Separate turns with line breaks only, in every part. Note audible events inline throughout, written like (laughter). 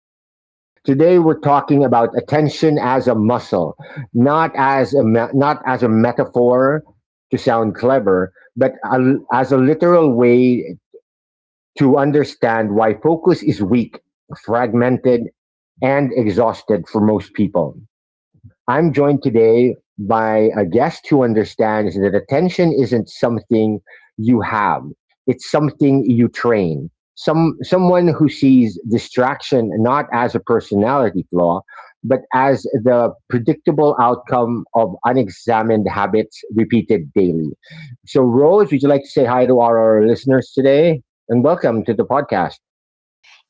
Zen. Today we're talking about attention as a muscle, not as a metaphor to sound clever, but as a literal way to understand why focus is weak, fragmented, and exhausted for most people. I'm joined today by a guest who understands that attention isn't something you have, it's something you train. Someone who sees distraction not as a personality flaw, but as the predictable outcome of unexamined habits repeated daily. So, Rose, would you like to say hi to our listeners today? And welcome to the podcast.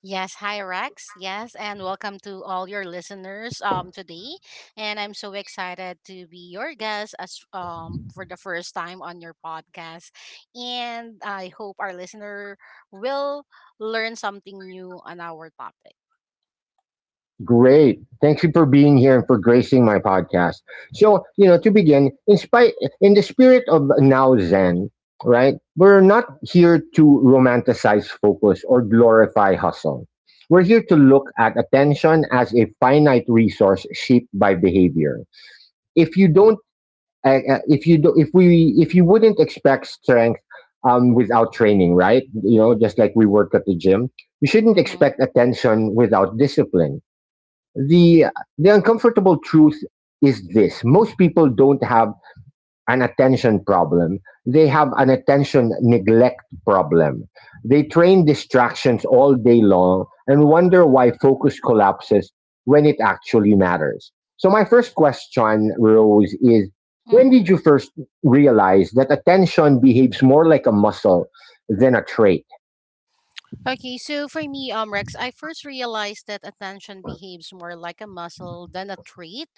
Yes, hi Rex. Yes, and welcome to all your listeners today. And I'm so excited to be your guest as for the first time on your podcast. And I hope our listener will learn something new on our topic.
Great. Thank you for being here and for gracing my podcast. So, you know, to begin, in the spirit of Now Zen, right? We're not here to romanticize focus or glorify hustle. We're here to look at attention as a finite resource shaped by behavior. If you don't if you do, if we If you wouldn't expect strength without training, right? You know, just like we work at the gym, you shouldn't
Mhm.
expect attention without discipline. The the uncomfortable truth is this: most people don't have an attention problem, they have an attention neglect problem. They train distractions all day long and wonder why focus collapses when it actually matters. So my first question, Rose, is when
Mhm.
did you first realize that attention behaves more like a muscle than a trait?
Okay, so for me, Rex, I first realized that attention behaves more like a muscle than a trait.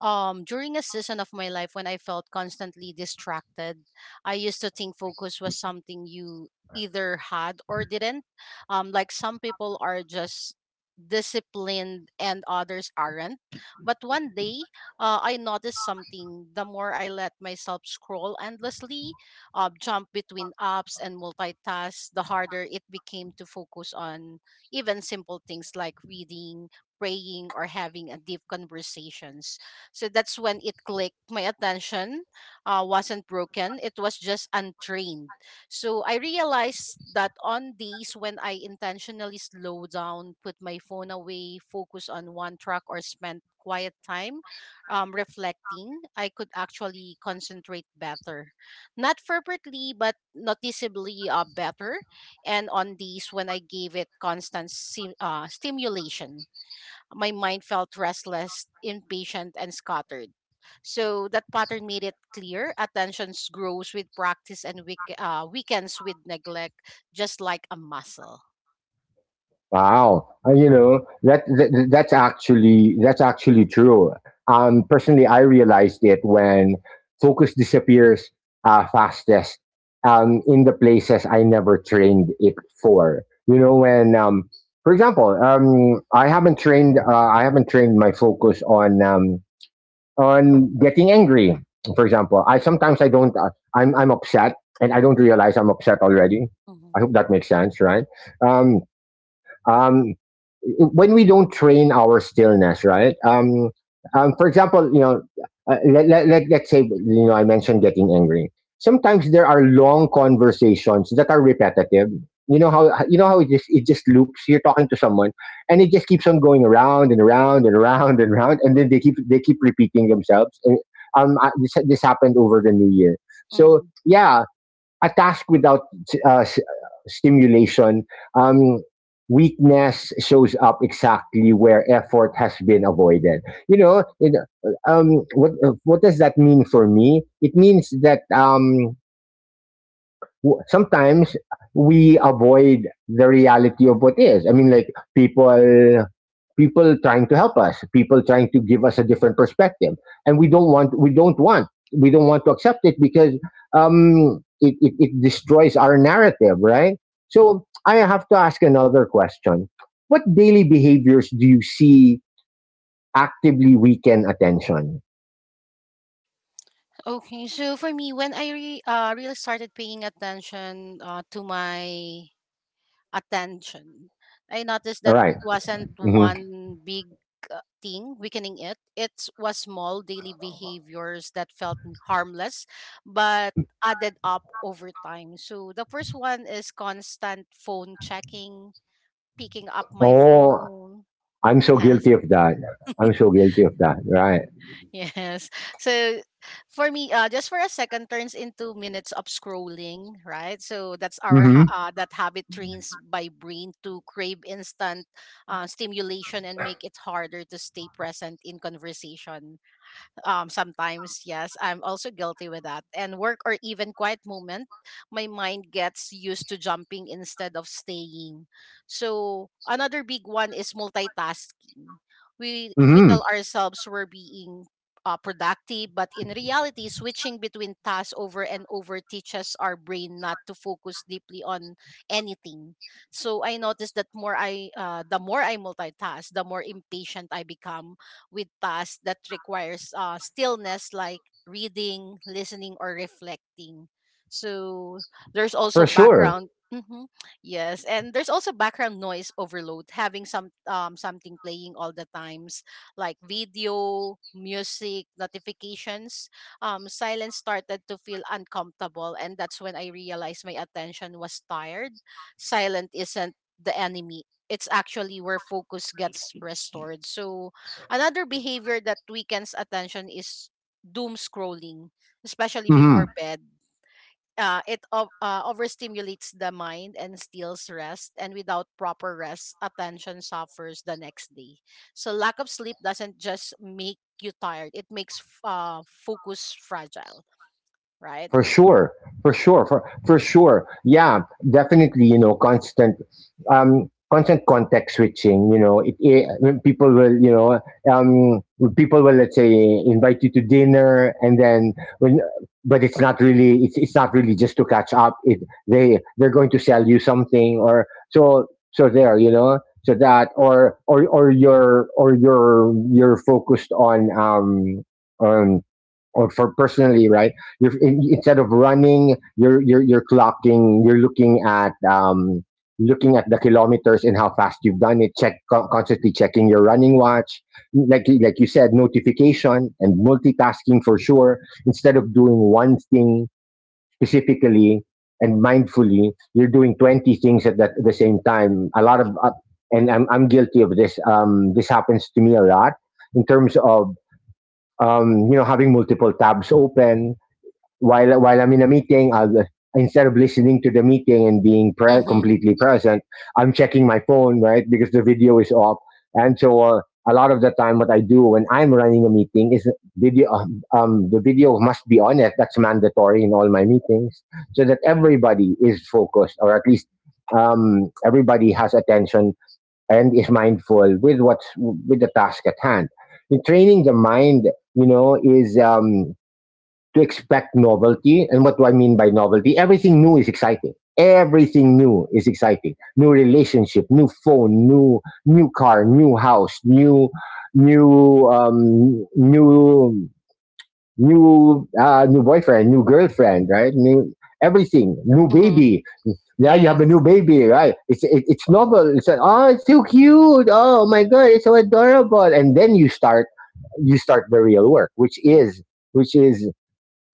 During a season of my life when I felt constantly distracted, I used to think focus was something you either had or didn't. Like some people are just disciplined and others aren't. But one day, I noticed something. The more I let myself scroll endlessly, jump between apps and multitask, the harder it became to focus on even simple things like reading, praying, or having a deep conversations. So that's when it clicked. My attention wasn't broken; it was just untrained. So I realized that on days when I intentionally slow down, put my phone away, focus on one track, or spent quiet time, reflecting, I could actually concentrate better, not perfectly but noticeably better, and on days when I gave it constant stimulation, my mind felt restless, impatient, and scattered. So that pattern made it clear attention grows with practice and weekends with neglect, just like a muscle.
Wow. You know that's actually true. Personally, I realized it when focus disappears fastest in the places I never trained it for. You know when, for example, I haven't trained my focus on getting angry. For example, I sometimes I don't I'm upset and I don't realize I'm upset already.
Mhm.
I hope that makes sense, right? Um, um, when we don't train our stillness, right? For example, you know, let's say, you know, I mentioned getting angry. Sometimes there are long conversations that are repetitive. You know how it just loops. You're talking to someone, and it just keeps on going around and around and around and around, and then they keep repeating themselves. And this happened over the New Year. So
Mm-hmm.
yeah, a task without uh, s- stimulation, um, weakness shows up exactly where effort has been avoided. You know, it, what does that mean for me? It means that sometimes we avoid the reality of what is. I mean, like people, people trying to help us, people trying to give us a different perspective, and we don't want to accept it because it destroys our narrative, right? So I have to ask another question: what daily behaviors do you see actively weaken attention?
Okay, so for me, when I really started paying attention to my attention. I noticed
All
that
right.
it wasn't
Mhm.
one big thing weakening it. It was small daily behaviors that felt harmless, but added up over time. So the first one is constant phone checking, picking up my
Oh,
phone.
I'm so
Yes.
guilty of that. I'm so guilty of that. Right.
Yes. So for me, just for a second turns into minutes of scrolling, right? So that's
Mm-hmm.
that habit trains by brain to crave instant stimulation and make it harder to stay present in conversation. Sometimes, yes, I'm also guilty with that and work or even quiet moment. My mind gets used to jumping instead of staying. So another big one is multitasking. We
Mm-hmm.
tell ourselves we're being productive, but in reality switching between tasks over and over teaches our brain not to focus deeply on anything. So I noticed that more I the more I multitask, the more impatient I become with tasks that requires stillness like reading, listening, or reflecting. So there's also
For sure.
background. (clears throat) Hmm, yes, and there's also background noise overload. Having something playing all the times, like video, music, notifications. Silence started to feel uncomfortable, and that's when I realized my attention was tired. Silent isn't the enemy. It's actually where focus gets restored. So another behavior that weakens attention is doom scrolling, especially
Mm-hmm.
before bed. It overstimulates the mind and steals rest, and without proper rest, attention suffers the next day. So, lack of sleep doesn't just make you tired, it makes focus fragile, right?
For sure. For sure, yeah. Definitely. You know, constant constant context switching. You know, it when people will you know when people will, let's say, invite you to dinner, and then when, but it's not really, it's not really just to catch up. It they They're going to sell you something or so. So there, you know, so that, or you're, you're focused on on, or for personally, right? Instead of running, you're clocking. You're looking at the kilometers and how fast you've done it. Constantly checking your running watch. Like you said, notification and multitasking for sure. Instead of doing one thing specifically and mindfully, you're doing 20 things at the same time. A lot of and I'm guilty of this. This happens to me a lot in terms of you know, having multiple tabs open while I'm in a meeting. I'll, instead of listening to the meeting and being
Mm-hmm.
completely present, I'm checking my phone, right? Because the video is off, and a lot of the time, what I do when I'm running a meeting is video. The video must be on it. That's mandatory in all my meetings, so that everybody is focused, or at least everybody has attention and is mindful with what's with the task at hand. In training the mind, you know, is to expect novelty. And what do I mean by novelty? Everything new is exciting. Everything new is exciting. New relationship, new phone, new car, new house, new um, new new boyfriend, new girlfriend, right? New everything, new
Mm-hmm.
baby. Yeah, you have a new
Yes.
baby, right? It's it's novel. It's like, oh, it's so cute. Oh my god, it's so adorable. And then you start the real work, which is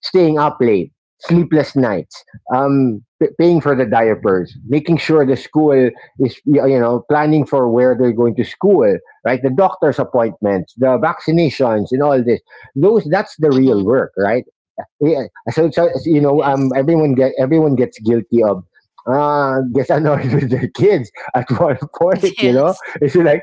staying up late, sleepless nights, paying for the diapers, making sure the school is, you know, planning for where they're going to school, right? The doctor's appointments, the vaccinations, and all this. Those That's the real
Mm-hmm.
work, right? Yeah. So, so you know,
Yes.
everyone gets guilty of, gets annoyed (laughs) with their kids at one (laughs) point,
(laughs)
you know?
Yes.
It's like,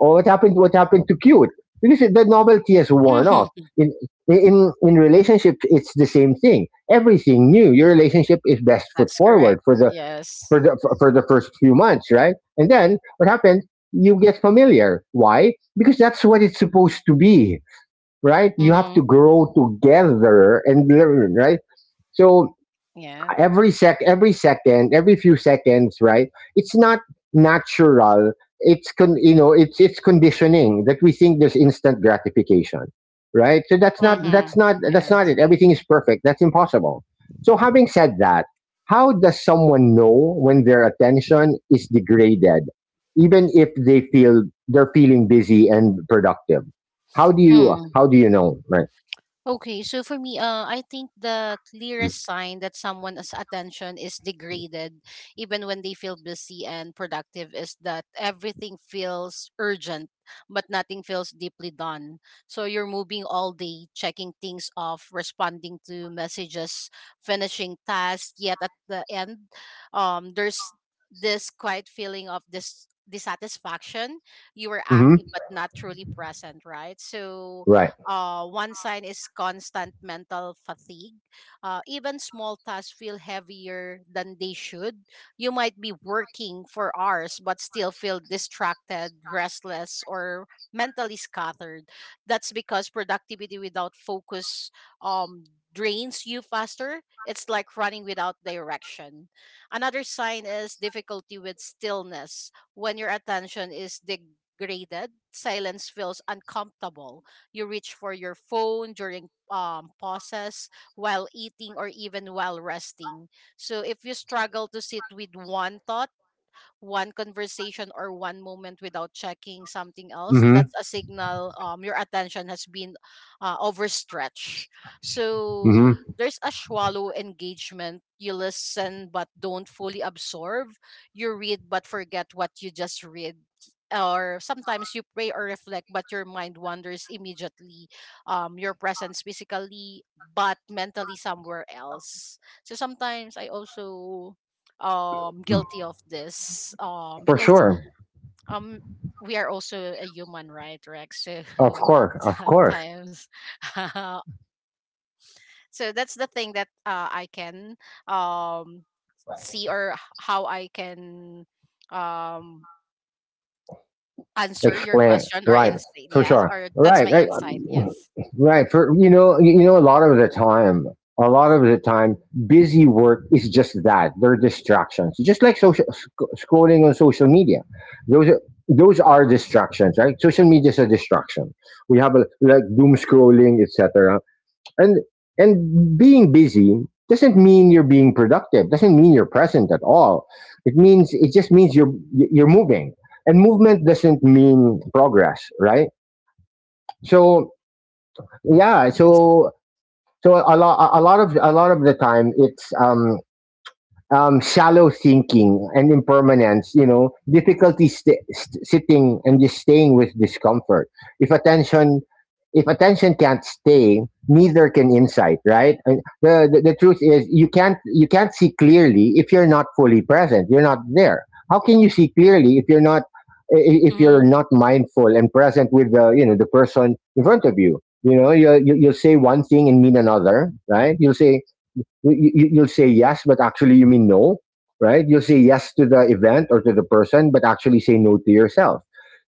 or what happened to cute? Because the novelty has worn off.
Mm-hmm.
in in relationships it's the same thing. Everything new, your relationship is best foot
That's correct.
forward for
Yes.
for the first few months, right? And then what happens? You get familiar. Why? Because that's what it's supposed to be, right? You have to
Mm-hmm.
grow together and learn, right? So
Yeah.
every second, every few seconds, right? It's not natural. You know, it's conditioning that we think there's instant gratification, right? So
Mm-hmm.
that's not it. Everything is perfect? That's impossible. So, having said that, how does someone know when their attention is degraded, even if they're feeling busy and productive?
Yes.
How do you know, right?
Okay, so for me, I think the clearest sign that someone's attention is degraded, even when they feel busy and productive, is that everything feels urgent, but nothing feels deeply done. So you're moving all day, checking things off, responding to messages, finishing tasks, yet at the end, there's this quiet feeling of this dissatisfaction. You were
Mm-hmm.
active, but not truly present, right? So
Right.
one sign is constant mental fatigue. Even small tasks feel heavier than they should. You might be working for hours but still feel distracted, restless, or mentally scattered. That's because productivity without focus um, drains you faster. It's like running without direction. Another sign is difficulty with stillness. When your attention is degraded, silence feels uncomfortable. You reach for your phone during pauses while eating or even while resting. So if you struggle to sit with one thought, one conversation or one moment without checking something else,
Mm-hmm.
that's a signal your attention has been overstretched. So
Mm-hmm.
there's a shallow engagement. You listen but don't fully absorb. You read but forget what you just read. Or sometimes you pray or reflect, but your mind wanders immediately. Your presence physically, but mentally somewhere else. So sometimes I also guilty of this,
For
because
sure.
um we are also a human, right, Rex? So
Of
(laughs)
course, of course.
sometimes. (laughs) So that's the thing that I can um see, or how I can um answer your
Explain,
question or
right?
insight.
For
Yes,
sure.
or that's
Right,
my
right,
insight. Yes.
right. You know, a lot of the time, a lot of the time, busy work is just that. They're distractions, just like scrolling on social media. Those are those are distractions, right? Social media is a distraction. We have a, like doom scrolling, etc. And being busy doesn't mean you're being productive, doesn't mean you're present at all. It means, it just means you're moving. And movement doesn't mean progress, right? So yeah,
Yes.
so, so a lot of the time it's shallow thinking and impermanence, you know, difficulty sitting and just staying with discomfort. If attention, if attention can't stay, neither can insight, right? And the truth is you can't see clearly if you're not fully present. You're not there. How can you see clearly if you're not, if you're
Mm-hmm.
not mindful and present with the, you know, the person in front of you? You know, you'll say one thing and mean another, right? You'll say yes, but actually you mean no, right? You'll say yes to the event or to the person, but actually say no to yourself.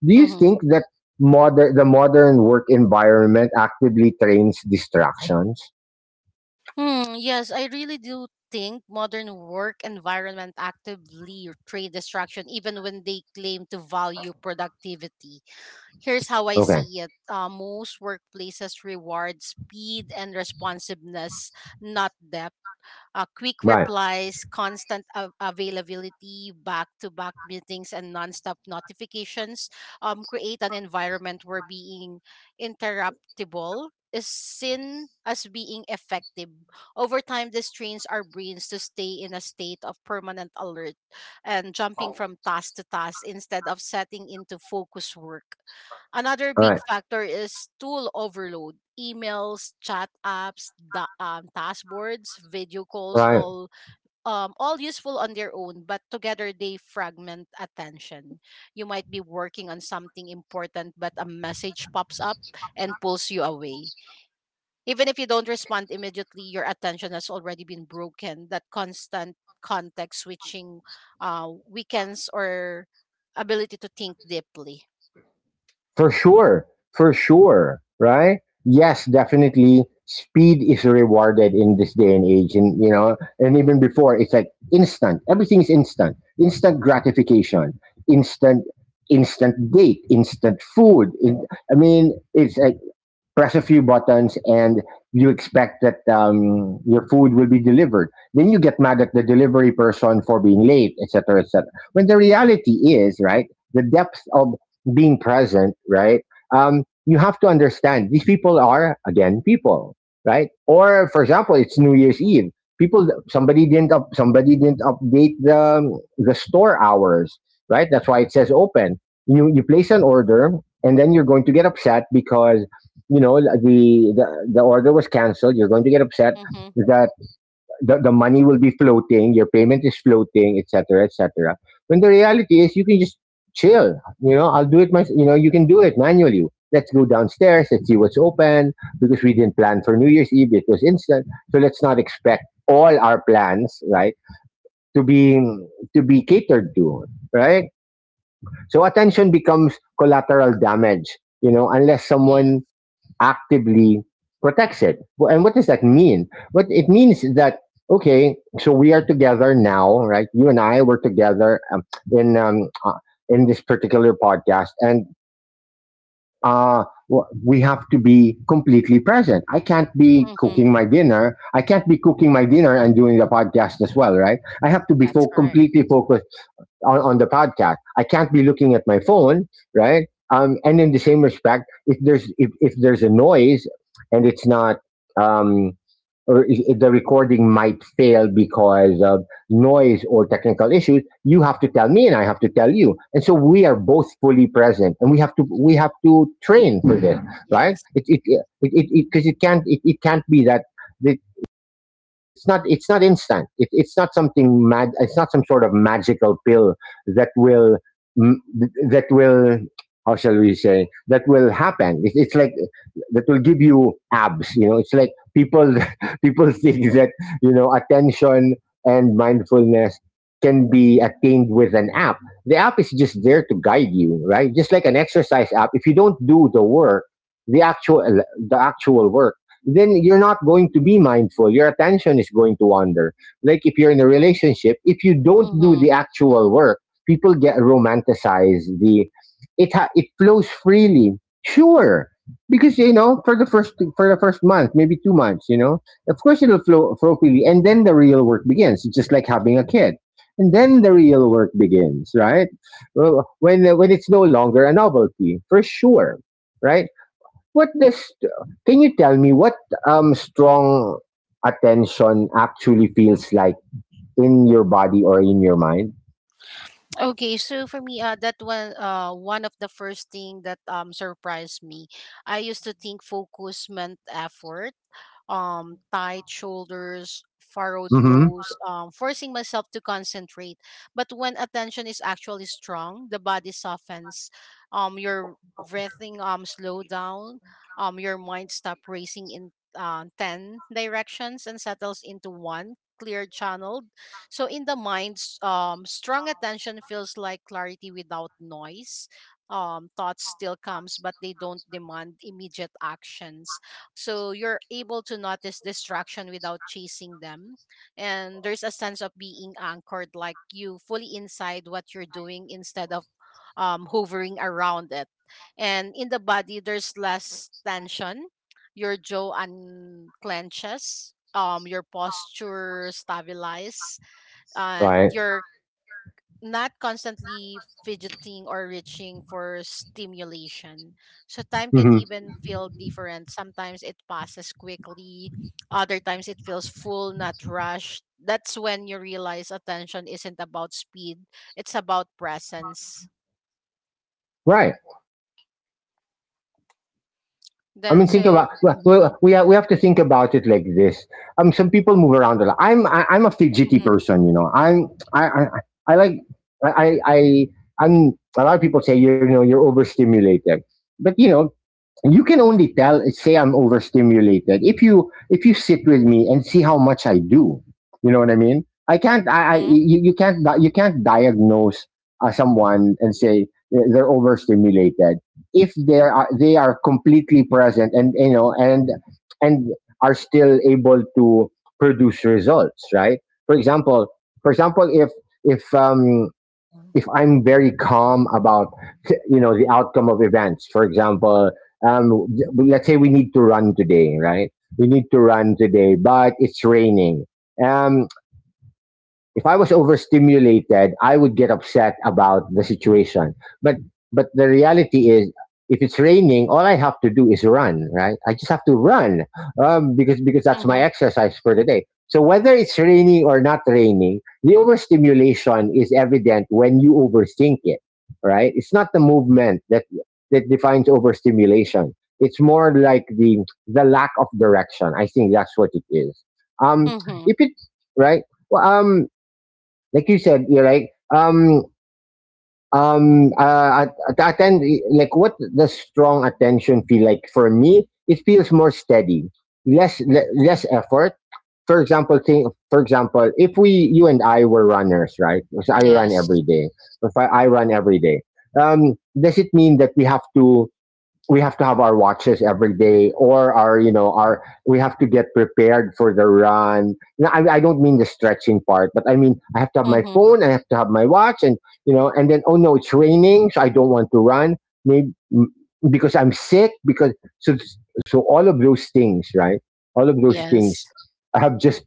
Do you
Mm-hmm.
think that modern work environment actively trains distractions?
Hmm, yes, I really do think modern work environment actively trade destruction even when they claim to value productivity. Here's how I
Okay,
see it. Most workplaces reward speed and responsiveness, not depth. Quick
right,
replies, constant availability, back to back meetings, and nonstop notifications create an environment where being interruptible is seen as being effective. Over time, this trains our brains to stay in a state of permanent alert and jumping from task to task instead of setting into focus work. Another
all
big
right,
factor is tool overload. Emails, chat apps, task, video calls,
right.
all useful on their own, but together they fragment attention. You might be working on something important, but a message pops up and pulls you away. Even if you don't respond immediately, your attention has already been broken. That constant context switching weakens or ability to think deeply.
For sure. For sure. Right? Yes, definitely. Speed is rewarded in this day and age. And, you know, and even before, it's like instant. Everything is instant. Instant gratification, instant, instant date, instant food. I mean, it's like press a few buttons and you expect that your food will be delivered. Then you get mad at the delivery person for being late, et cetera, et cetera. When the reality is, right, the depth of being present, right, you have to understand these people are, again, people, right? Or for example, it's New Year's
Mm-hmm.
Eve. People, somebody didn't update the store hours, right? That's why it says open. You place an order and then you're going to get upset because like the order was canceled. You're going to get upset
Mm-hmm.
that the money will be floating, your payment is floating, etc, etc, when the reality is you can just chill. You know I'll do it my you know You can do it manually. Let's go downstairs, let's see what's open, because we didn't plan for New Year's Eve, it was instant, so let's not expect all our plans, right, to be to be catered to, right? So attention becomes collateral damage, you know, unless someone actively protects it. And what does that mean? What it means is that okay, so we are together now, right? You and I were together in um, uh, in this particular podcast, and we have to be completely present. I can't be
Mm-hmm.
cooking my dinner. I can't be cooking my dinner and doing the podcast as well, right? I have to be
That's correct.
completely focused on the podcast. I can't be looking at my phone, right? And in the same respect, if there's if there's a noise and it's not um, or if the recording might fail because of noise or technical issues, you have to tell me and I have to tell you. And so we are both fully present, and we have to train for mm-hmm. this, right?
Yes.
It can't it can't be that that it's not, it's not instant, it's not something mag it's not some sort of magical pill that will mm, that will, how shall we say, that will happen. It's like that will give you abs, you know, it's like people (laughs) people think that you know attention and mindfulness can be attained with an app. The app is just there to guide you, right? Just like an exercise app, if you don't do the work, the actual the actual work, then you're not going to be mindful. Your attention is going to wander. Like if you're in a relationship, if you don't do
Mm-hmm.
the actual work, people get romanticize the it flows freely. Sure. Because you know, for the first month, maybe 2 months, you know, of course it'll flow freely, and then the real work begins. It's just like having a kid, and then the real work begins, right? Well, when it's no longer a novelty, for sure, right? What does, can you tell me what strong attention actually feels like in your body or in your mind?
Okay, so for me, one of the first thing that surprised me. I used to think focus meant effort, tight shoulders, furrowed
Mm-hmm.
brows, forcing myself to concentrate. But when attention is actually strong, the body softens. Your breathing slow down. Your mind stop racing in ten directions and settles into one clear channel. So in the mind, strong attention feels like clarity without noise. Thoughts still comes, but they don't demand immediate actions, so you're able to notice distraction without chasing them. And there's a sense of being anchored, like you fully inside what you're doing instead of hovering around it. And in the body, there's less tension. Your jaw unclenches, your posture stabilizes, and
Right.
your not constantly fidgeting or reaching for stimulation. So time can
Mm-hmm.
even feel different. Sometimes it passes quickly, other times it feels full, not rushed. That's when you realize attention isn't about speed, it's about presence.
Right. I
The
mean, think about,
so Mhm,
well, we have to think about it like this. Some people move around a lot. I'm a fidgety
mhm,
person, you know. I like I I I- I'm a lot of people say you're, you know, you're overstimulated, but you know you can only tell, say I'm overstimulated if you, if you sit with me and see how much I do, you know what I mean. I,
mhm,
you can't you can't diagnose someone and say they're overstimulated if they are completely present and you know and are still able to produce results, right? For example, for example, if if um
mhm,
if I'm very calm about you know the outcome of events. For example, um, let's say we need to run today, right? We need to run today, but it's raining. Um, if I was overstimulated, I would get upset about the situation. But the reality is, if it's raining, all I have to do is run. Right? I just have to run, because that's my
mhm,
exercise for the day. So whether it's raining or not raining, the overstimulation is evident when you overthink it. Right? It's not the movement that defines overstimulation. It's more like the lack of direction. I think that's what it is. Um,
mhm,
if it right well, Like you said, you're right. Um, at- attend Like what does strong attention feel like for me? It feels more steady, less effort. For example, think, for example, if we, you and I, were runners, right? Because I run
yes.
every day. If I, I run every day, does it mean that we have to? We have to have our watches every day or our, you know, our, we have to get prepared for the run. Now, I don't mean the stretching part, but I mean I have to have my
Mhm,
phone, I have to have my watch and you know, and then oh no it's raining so I don't want to run, maybe m- because I'm sick, because so, all of those things, right? all of those
yes.
things have just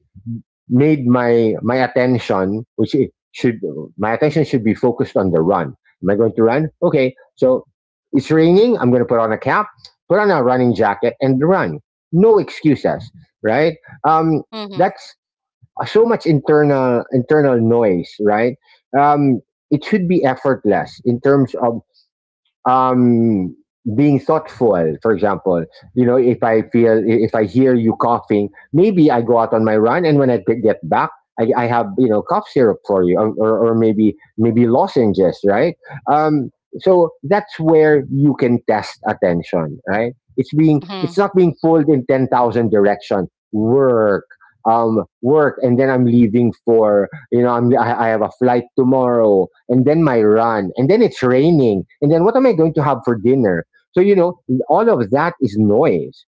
made my attention, which it should, my attention should be focused on the run. Am I going to run? Okay, so it's raining. I'm going to put on a cap, put on a running jacket, and run. No excuses, right? Um,
Mm-hmm.
that's so much internal noise, right? Um, it should be effortless in terms of, um, being thoughtful. For example, you know, if I feel, if I hear you coughing, maybe I go out on my run and when I get back I have, you know, cough syrup for you, or maybe, maybe lozenges, right? um, so that's where you can test attention, right? It's being, it's
Mm-hmm.
not being pulled in 10,000 direction, work, and then I'm leaving for, you know, I have a flight tomorrow, and then my run, and then it's raining, and then what am I going to have for dinner. So you know, all of that is noise.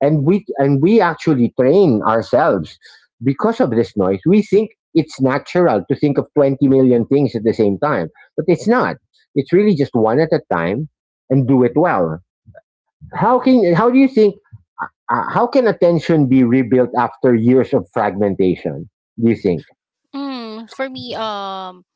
And we actually train ourselves, because of this noise we think it's natural to think of 20 million things at the same time, but it's not. It's really just one at a time, and do it well. How can, how do you think, how can attention be rebuilt after years of fragmentation, do you think?
For me,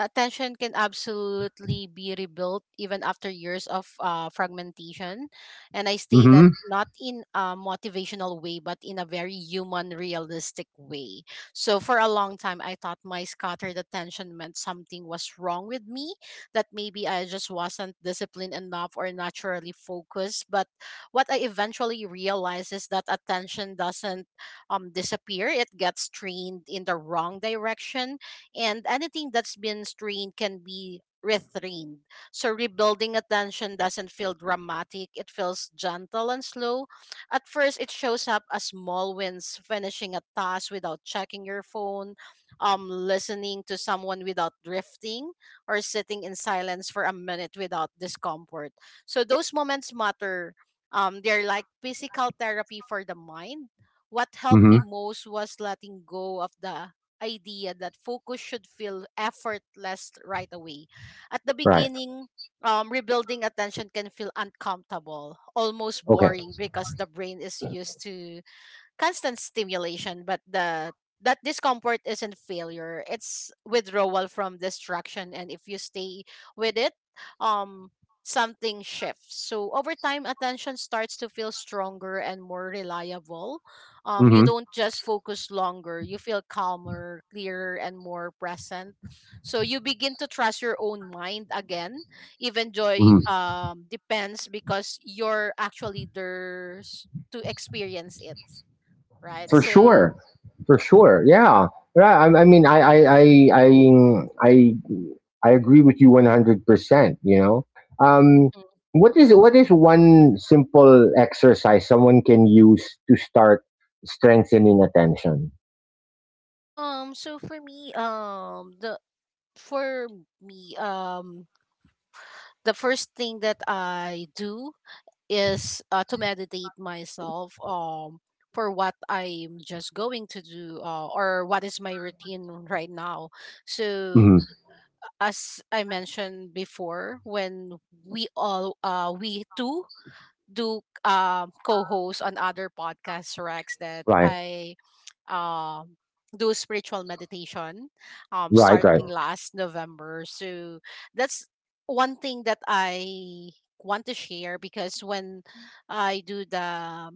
attention can absolutely be rebuilt even after years of fragmentation. And I say that
Mm-hmm.
not in a motivational way, but in a very human realistic way. So for a long time I thought my scattered attention meant something was wrong with me, that maybe I just wasn't disciplined enough or naturally focused. But what I eventually realized is that attention doesn't disappear. It gets trained in the wrong direction, and anything that's been strained can be retrained. So rebuilding attention doesn't feel dramatic, it feels gentle and slow. At first, it shows up as small wins, finishing a task without checking your phone, listening to someone without drifting, or sitting in silence for a minute without discomfort. So those moments matter. They're like physical therapy for the mind. What helped me
Mm-hmm.
most was letting go of the idea that focus should feel effortless right away. At the
Right.
beginning, rebuilding attention can feel uncomfortable, almost
Okay.
boring because the brain is used to constant stimulation, but the that discomfort isn't failure. It's withdrawal from distraction, and if you stay with it, um something shifts. So over time attention starts to feel stronger and more reliable. You
Hmm.
don't just focus longer. You feel calmer, clearer and more present. So you begin to trust your own mind again. Even joy
Hmm.
depends because you're actually there to experience it, right?
For
So,
sure. For sure. Yeah. Yeah. I mean, I, I agree with you 100%. You know, um,
Mhm.
what is, what is one simple exercise someone can use to start strengthening attention?
So for me, the for me, the first thing that I do is to meditate myself, for what I'm just going to do, or what is my routine right now. So,
Hmm.
as I mentioned before, when we two do co-host on other podcasts, Rex, that
Right.
I um do spiritual meditation
Right. Right.
starting last November. So that's one thing that I want to share because when I do the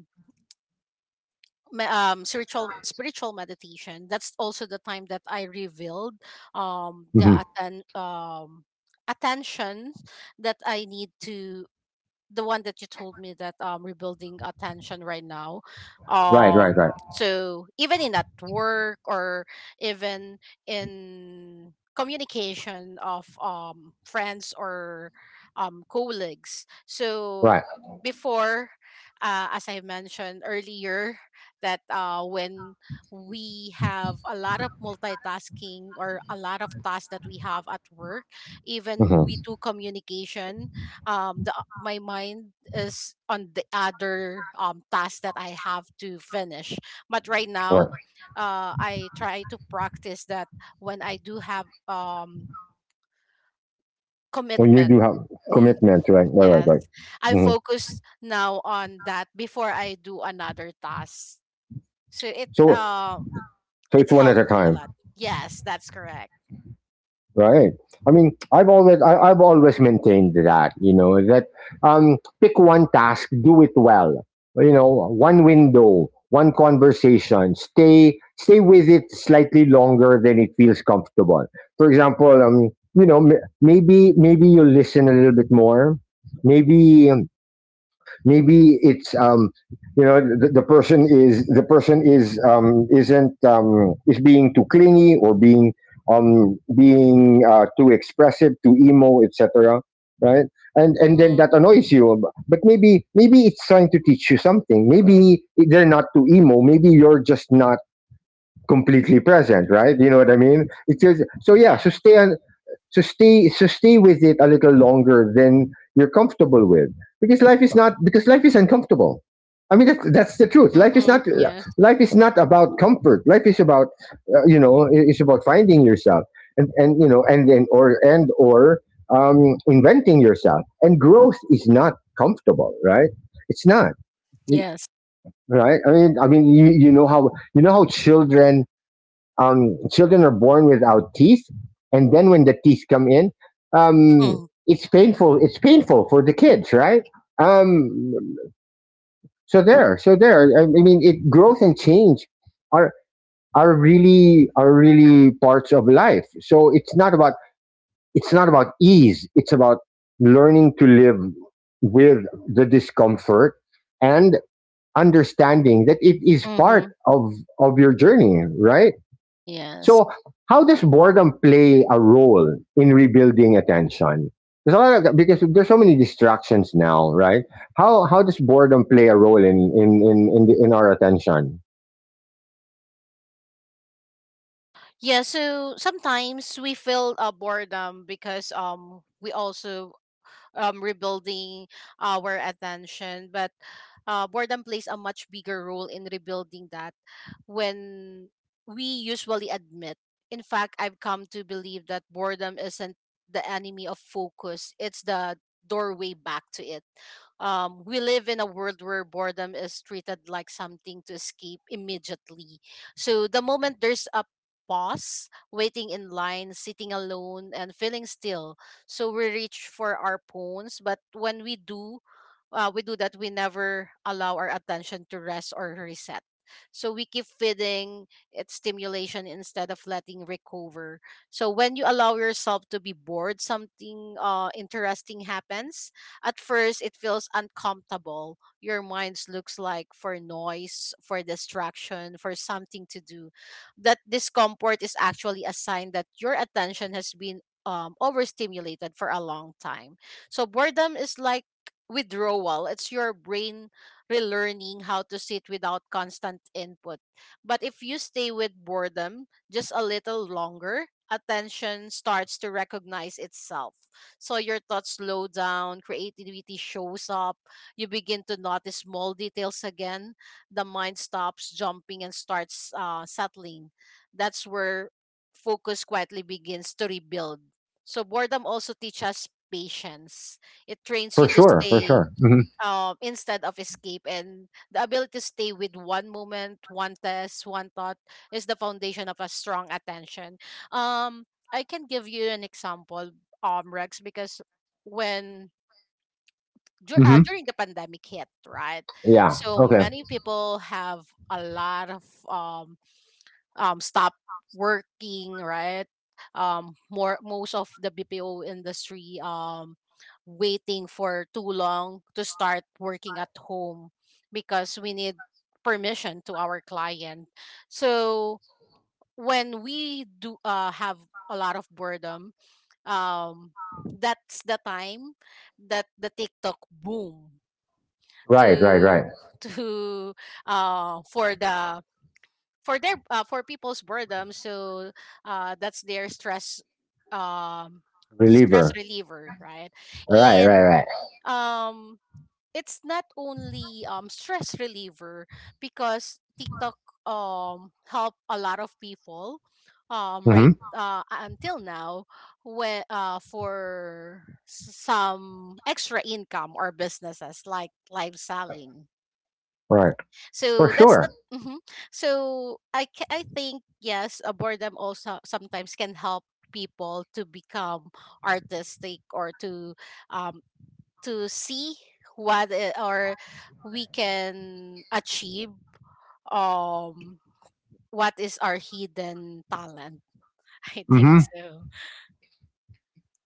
me- um spiritual spiritual meditation, that's also the time that I revealed um the
Hmm.
atten- um attention that I need to, the one that you told me that rebuilding attention right now.
Right. Right. Right.
So even in at work or even in communication of friends or colleagues. So
Right.
before, as I mentioned earlier that, when we have a lot of multitasking or a lot of tasks that we have at work, even we
Hmm.
do communication, the my mind is on the other task that I have to finish. But right now,
Right.
I try to practice that when I do have
When you
commitment.
do have
Mm,
commitment, right? Right. Right.
yes.
Right.
I
Hmm.
focus now on that before I do another task. So it
So,
uh
so
it
it's one at a
helps me a
time.
lot. Yes, that's correct.
Right. I mean, I've always maintained that, you know, that pick one task, do it well. You know, one window, one conversation. Stay with it slightly longer than it feels comfortable. For example, you know, maybe you listen a little bit more. Maybe it's you know the person is, the person is, isn't is being too clingy or being being too expressive, too emo, etc. Right, and then
Mm-hmm.
that annoys you. But maybe, maybe it's trying to teach you something. Maybe they're not too emo. Maybe you're just not completely present. Right, you know what I mean? It is, so yeah. So
Yes.
stay, so stay with it a little longer than you're comfortable with, because life is not, because life is uncomfortable. I mean, that's the truth. Life is
Mm-hmm.
not,
Yes.
life is not about comfort. Life is about you know, it's about finding yourself and you know, and or inventing yourself. And growth is not comfortable, right? It's not. Y-
Yes.
right. I mean, you know how, you know how children, children are born without teeth, and then when the teeth come in, um,
Mm-hmm.
it's painful. It's painful for the kids, right? Um, so there, so there. I mean, it growth and change are really, are really parts of life. So it's not about, it's not about ease. It's about learning to live with the discomfort and understanding that it is part
Mm-hmm.
of your journey, right?
Yes.
So, how does boredom play a role in rebuilding attention? There's a lot of, because there's so many distractions now, right? How does boredom play a role in in our attention?
Yeah, so sometimes we feel boredom because we also rebuilding our attention. But, boredom plays a much bigger role in rebuilding that when we usually admit. In fact, I've come to believe that boredom isn't the enemy of focus, it's the doorway back to it. We live in a world where boredom is treated like something to escape immediately. So the moment there's a pause, waiting in line, sitting alone, and feeling still, so we reach for our phones. But when we do that, we never allow our attention to rest or reset. So we keep feeding it stimulation instead of letting recover. So when you allow yourself to be bored, something interesting happens. At first it feels uncomfortable, your mind looks like for noise, for distraction, for something to do. That discomfort is actually a sign that your attention has been overstimulated for a long time. So boredom is like withdrawal. It's your brain relearning how to sit without constant input. But if you stay with boredom just a little longer, attention starts to recognize itself. So your thoughts slow down, creativity shows up, you begin to notice small details again, the mind stops jumping and starts settling. That's where focus quietly begins to rebuild. So boredom also teaches us patience. It trains you
For
to
sure, for
stay,
sure. Hmm.
instead of escape, and the ability to stay with one moment, one test, one thought is the foundation of a strong attention. Um, I can give you an example, Rex, because when
Hmm.
during the pandemic hit, right?
Yeah.
So
Okay.
many people have a lot of um stop working, right? More most of the BPO industry, waiting for too long to start working at home because we need permission to our client. So when we do, have a lot of boredom, that's the time that the TikTok boom,
Right. Right.
to
Right.
to for the for their for people's boredom. So, that's their um stress
Reliever.
reliever, right.
Right. Right.
And
Right.
um it's not only stress reliever because TikTok help a lot of people, right,
Mm-hmm.
until now, when, some extra income or businesses like live selling.
Right. For
So that's
sure.
the. Mhm. So I think yes, a boredom also sometimes can help people to become artistic or um to see what I- or we can achieve, um what is our hidden talent. (laughs) I think so.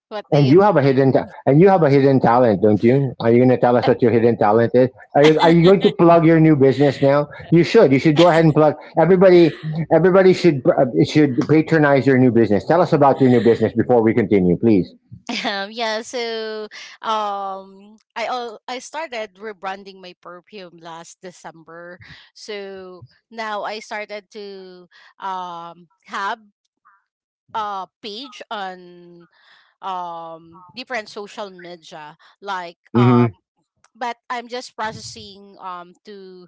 What do
And
you
you have a
think?
hidden and you have a hidden talent, don't you? Are you going to tell us what your hidden talent is?
(laughs)
Are you going to plug your new business now? You should. You should go ahead and plug. Everybody, everybody should patronize your new business. Tell us about your new business before we continue, please.
(laughs) Yeah, so I started rebranding my perfume last December. So now I started to have a page on different social media like,
Mhm.
but I'm just processing to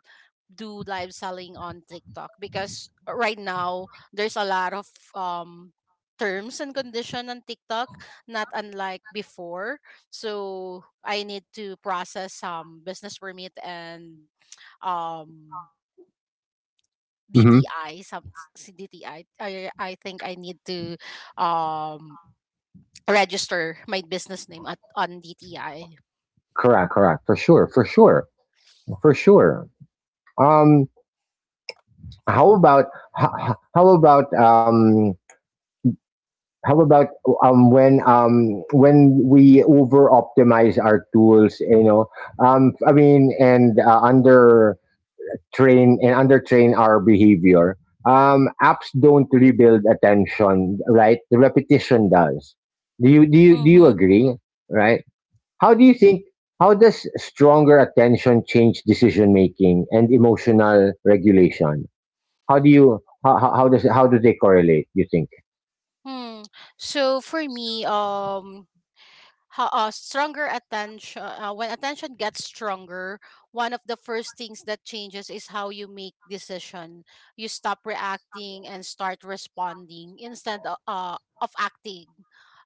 do live selling on TikTok because right now there's a lot of terms and condition on TikTok, not unlike before. So I need to process some business permit and um
Mhm.
DTI . D T I I think I need to um register my business name at on DTI.
Correct, correct. For sure, for sure. For sure. Um how about how about How about when we over optimize our tools? You know, I mean, and under train our behavior. Apps don't rebuild attention, right? The repetition does. Do you
Mm-hmm.
agree? Right? How do you think? How does stronger attention change decision making and emotional regulation? How do you, how do they correlate? You think?
Hmm. So for me, stronger attention, when attention gets stronger, one of the first things that changes is how you make decision. You stop reacting and start responding instead of acting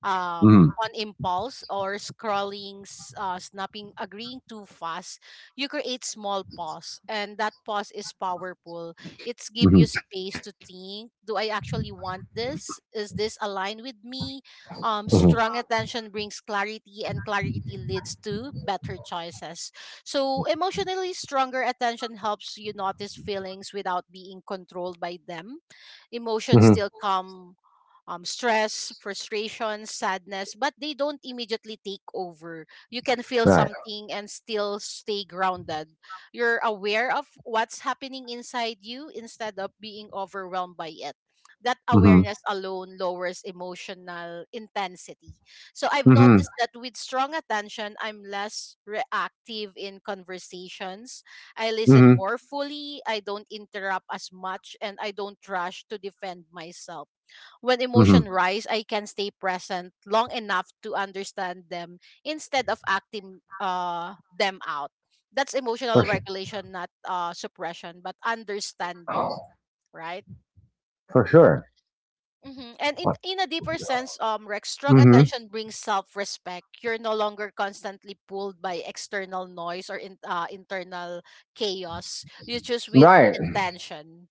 on impulse, or scrolling, snapping, agreeing too fast. You create small pause and that pause is powerful. It's give you
Mm-hmm.
space to think, do I actually want this, is this aligned with me?
Mm-hmm.
Strong attention brings clarity, and clarity leads to better choices. So, emotionally stronger attention helps you notice feelings without being controlled by them. Emotions still come, stress, frustration, sadness, but they don't immediately take over. You can feel
Right.
something and still stay grounded. You're aware of what's happening inside you instead of being overwhelmed by it. That
Mm-hmm.
awareness alone lowers emotional intensity. So I've
Mm-hmm.
noticed that with strong attention, I'm less reactive in conversations. I listen
Mm-hmm.
more fully, I don't interrupt as much, and I don't rush to defend myself. When
Mm-hmm.
emotion rise, I can stay present long enough to understand them instead of acting, them out. That's emotional
For sure.
regulation, not, suppression, but understanding, right?
For sure.
Mm-hmm. And in a deeper sense, Rex, strong
Mm-hmm.
attention brings self respect. You're no longer constantly pulled by external noise or, internal chaos. You choose with
Right.
intention.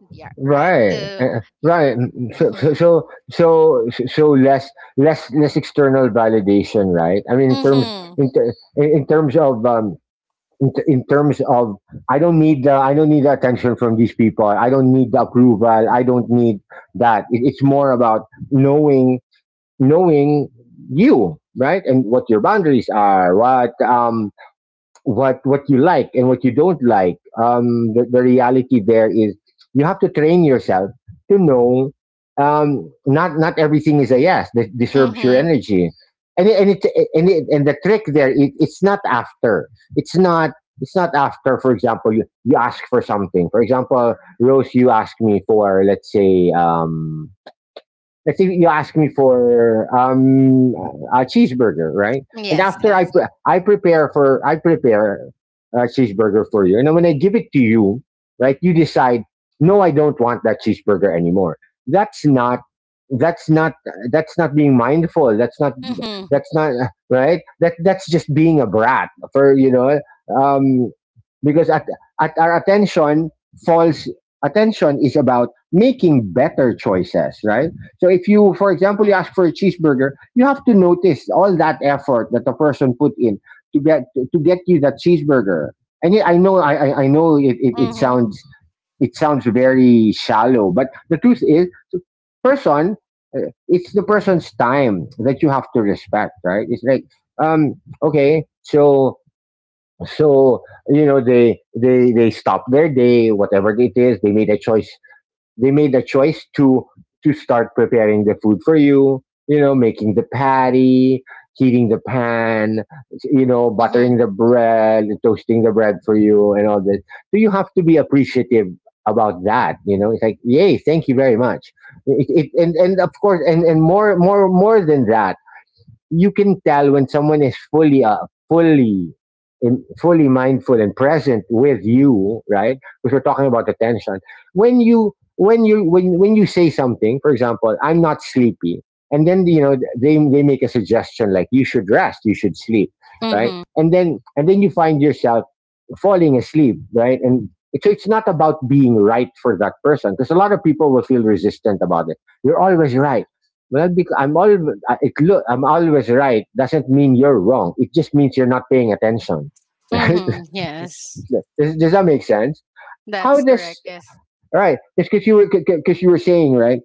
Yeah, right.
Right.
So.
Uh, right. So, so
Mm-hmm.
so so so less external validation, right? I mean, in terms
Mm-hmm.
in ter- in terms of. In, t- in terms of I don't need the attention from these people. I don't need the approval. I don't need that. It's more about knowing, knowing you, right, and what your boundaries are, what what you like and what you don't like. The reality there is you have to train yourself to know not everything is a yes that deserves your
Mm-hmm.
energy, and the trick there is it's not after it's not it's not after. For example, you ask for something. For example, Rose, you asked me for, let's say, you ask me for a cheeseburger, right? And
Yes.
after I
Yes.
pre- I prepare for I prepare a cheeseburger for you, and then when I give it to you, right, you decide, no, I don't want that cheeseburger anymore. That's not that's not that's not being mindful. That's not
Mm-hmm.
That's not (laughs) right. That that's just being a brat, for um because at our attention falls. Attention is about making better choices, right? So if you, for example, you
Mm-hmm.
ask for a cheeseburger, you have to notice all that effort that the person put in to get you that cheeseburger. And yeah, I I know it, it
Mm-hmm.
sounds, it sounds very shallow, but the truth is, the person, uh, it's the person's time that you have to respect, right? It's like, um, okay, so so you know, they they stop their day, whatever it is. They made a choice. To start preparing the food for you, you know, making the patty, heating the pan, you know,
Mm-hmm.
buttering the bread, toasting the bread for you, and all this. So you have to be appreciative about that. You know, it's like, yay, thank you very much. It, it, and and of course, and more than that, you can tell when someone is fully fully mindful and present with you, right? Because we're talking about attention. When you say something, for example, I'm not sleepy, and then you know, they make a suggestion like, you should rest, you should sleep, right?
Mm-hmm.
And then you find yourself falling asleep, right? And so it's not about being right for that person, because a lot of people will feel resistant about it. You're always right. Well, because I'm always it look I'm always right doesn't mean you're wrong. It just means you're not paying attention, (laughs) right?
Mm-hmm. Yes.
Does that make sense? How
That's
does,
correct. Yes.
all right? Because you were saying right,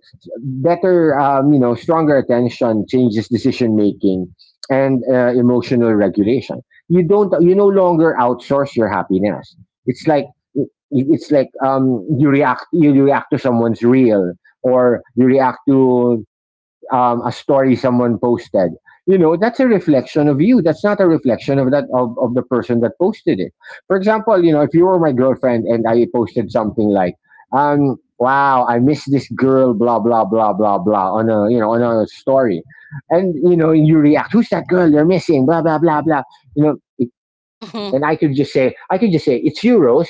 better you know, stronger attention changes decision making and emotional regulation. You no longer outsource your happiness. It's like it's like, you react, you react to someone's real, or you react to a story someone posted. You know, that's a reflection of you. That's not a reflection of that, of the person that posted it. For example, you know, if you were my girlfriend and I posted something like, wow, I miss this girl, blah blah blah blah blah, on a, you know, on a story, and you know, you react, who's that girl you're missing, blah blah blah blah, you know
Mm-hmm.
and I could just say, it's you, Rose.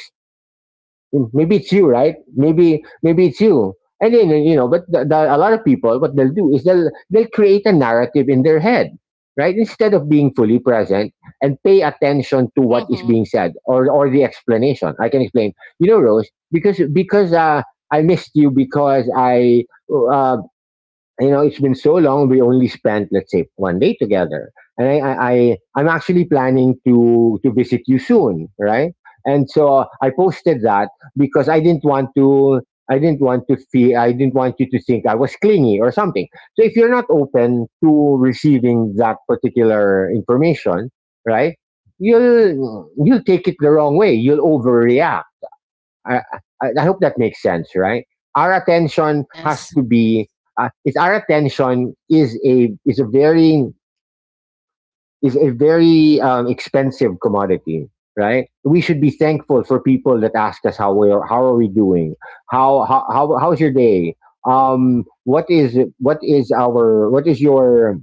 Mm, maybe it's you, right? Maybe it's you. And then you know, but a lot of people, what they'll do is they'll create a narrative in their head, right? Instead of being fully present and pay attention to what is
Mm-hmm.
being said, or the explanation. I can explain. You know, Rose, because I missed you because I, uh, you know, it's been so long. We only spent, let's say, 1 day together, and I'm actually planning to visit you soon, right? And so I posted that because I didn't want to. I didn't want to feel. I didn't want you to think I was clingy or something. So if you're not open to receiving that particular information, right? You'll take it the wrong way. You'll overreact. I, I hope that makes sense, right? Our attention has
Yes.
to be. It's our attention is a very expensive commodity, right? We should be thankful for people that ask us how we are, how are we doing, how how's your day, what is our what is your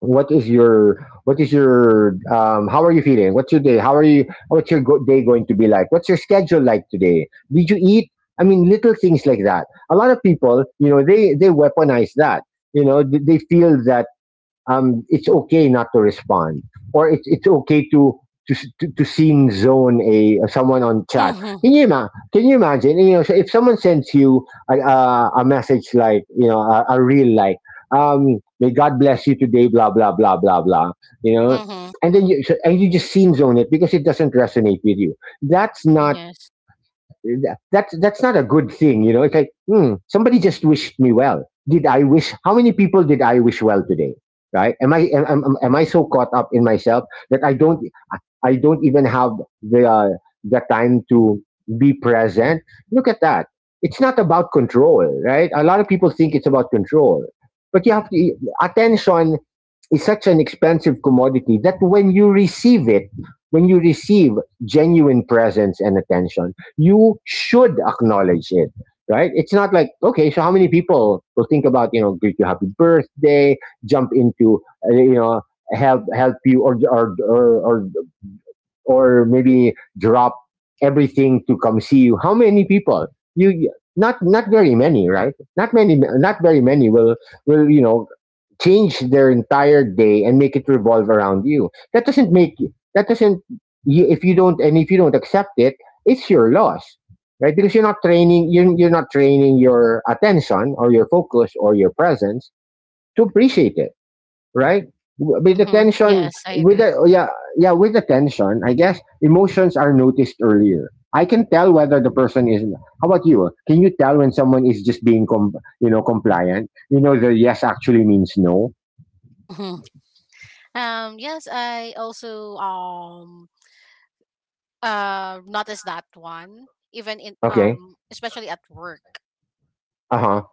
what is your what is your how are you feeling, what's your day, how are you, what's your day going to be like, what's your schedule like today, did you eat? I mean, little things like that. A lot of people, you know, they weaponize that. You know, they feel that it's okay not to respond, or it's okay to to to scene zone a someone on chat.
Mm-hmm.
Can you imagine? You know, so if someone sends you a message, like, you know, a reel like, may God bless you today, blah blah blah blah blah. You know.
Mm-hmm.
And then you so, and you just scene zone it because it doesn't resonate with you. That's not
Yes.
that's not a good thing. You know, it's like, hmm, somebody just wished me well. Did I wish, how many people did I wish well today? Right, am I so caught up in myself that I don't, I don't even have the uh, the time to be present. Look at that. It's not about control, right? A lot of people think it's about control, but you have to, attention is such an expensive commodity that when you receive it, when you receive genuine presence and attention, you should acknowledge it. Right? It's not like, okay, so how many people will think about, you know, greet you happy birthday, jump into, you know, help you or or maybe drop everything to come see you. How many people, you, not not very many, right? Not many, not very many will, you know, change their entire day and make it revolve around you. That doesn't make you, that doesn't. If you don't, and if you don't accept it, it's your loss, right? Because you're not training, you're not training your attention or your focus or your presence to appreciate it, right? With the
Mm-hmm.
tension,
Yes. I
with
agree.
the yeah, yeah, with the tension, I guess emotions are noticed earlier. I can tell whether the person is. How about you? Can you tell when someone is just being you know, compliant? You know, the yes actually means no.
Hmm. Yes, I also noticed that one even in,
Okay.
especially at work.
Uh huh.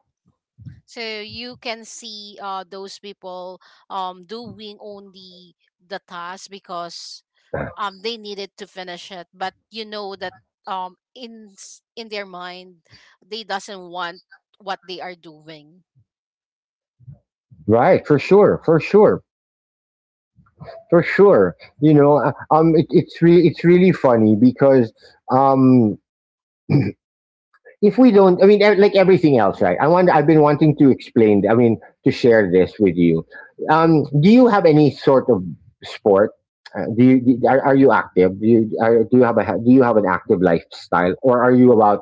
So you can see those people doing only the task because they needed to finish it, but you know that in their mind they doesn't want what they are doing.
Right, for sure, for sure. You know, it's it's really funny because um, if we don't, I mean, like everything else, right? I want, I've been wanting to explain, I mean, to share this with you. Do you have any sort of sport, are you active, do you have a do you have an active lifestyle, or are you about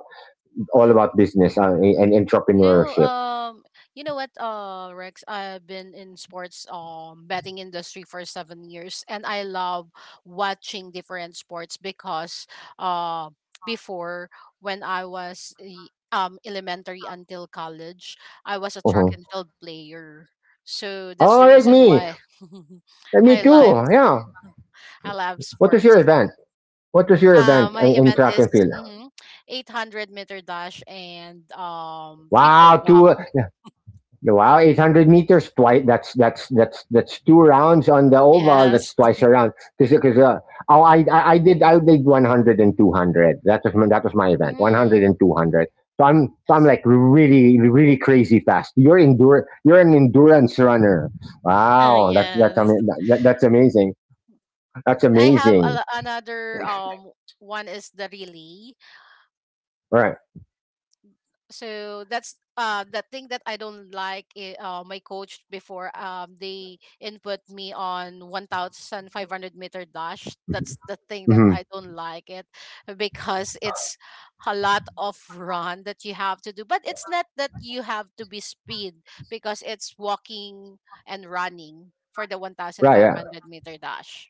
all about business and
No,
entrepreneurship?
you know what, Rex, I've been in sports, betting industry for 7 years, and I love watching different sports because, uh, before when I was elementary until college, I was a track
Uh-huh.
and field player, so that's the
Oh, like
reason
me.
why. (laughs)
Me
I
too,
love
yeah.
I love
What was your
sports.
event, what was your event
My
in
event
track
is
and field?
mm, 800-meter dash and triple
Wow,
jump.
two wow, 800 meters twice. That's two rounds on the oval.
Yes.
That's twice around. Because oh, I did 100 and 200. That was my event. One hundred
Mm,
and 200. So I'm
yes.
like really crazy fast. You're an endurance runner.
(laughs)
Wow,
Yes.
that, that's amazing. That's
And I have
amazing.
another one is the relay.
Right.
So that's the thing that I don't My coach before, they input me on 1500 meter dash. That's the thing that I
Mm-hmm.
don't like it because it's a lot of run that you have to do. But it's not that you have to be speed because it's walking and running for the
Right. Yeah.
1500 meter dash.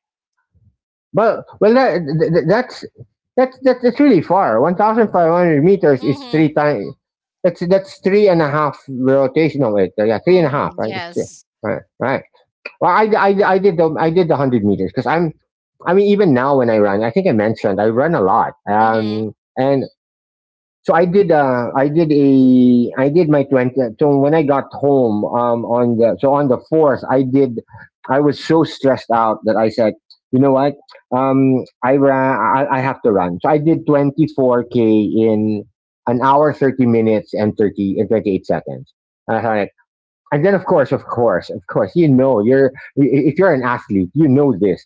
Well, that's really far. 1,500 meters is
Mhm.
three times. That's three and a half rotation. No, wait, yeah, three and a half,
Mhm.
right? It's,
Yes.
right, right. Well, I did the 100 meters because I'm, I mean, even now when I run, I think I mentioned I run a lot.
Mhm.
And so I did. I did a. I did my 20. So when I got home, on the so on the 4th, I did. I was so stressed out that I said, you know what? I ran. I have to run. So I did 24 k in an hour 30 minutes and 30 and 28 seconds. And I thought, and then of course, you know, you're if you're an athlete, you know this.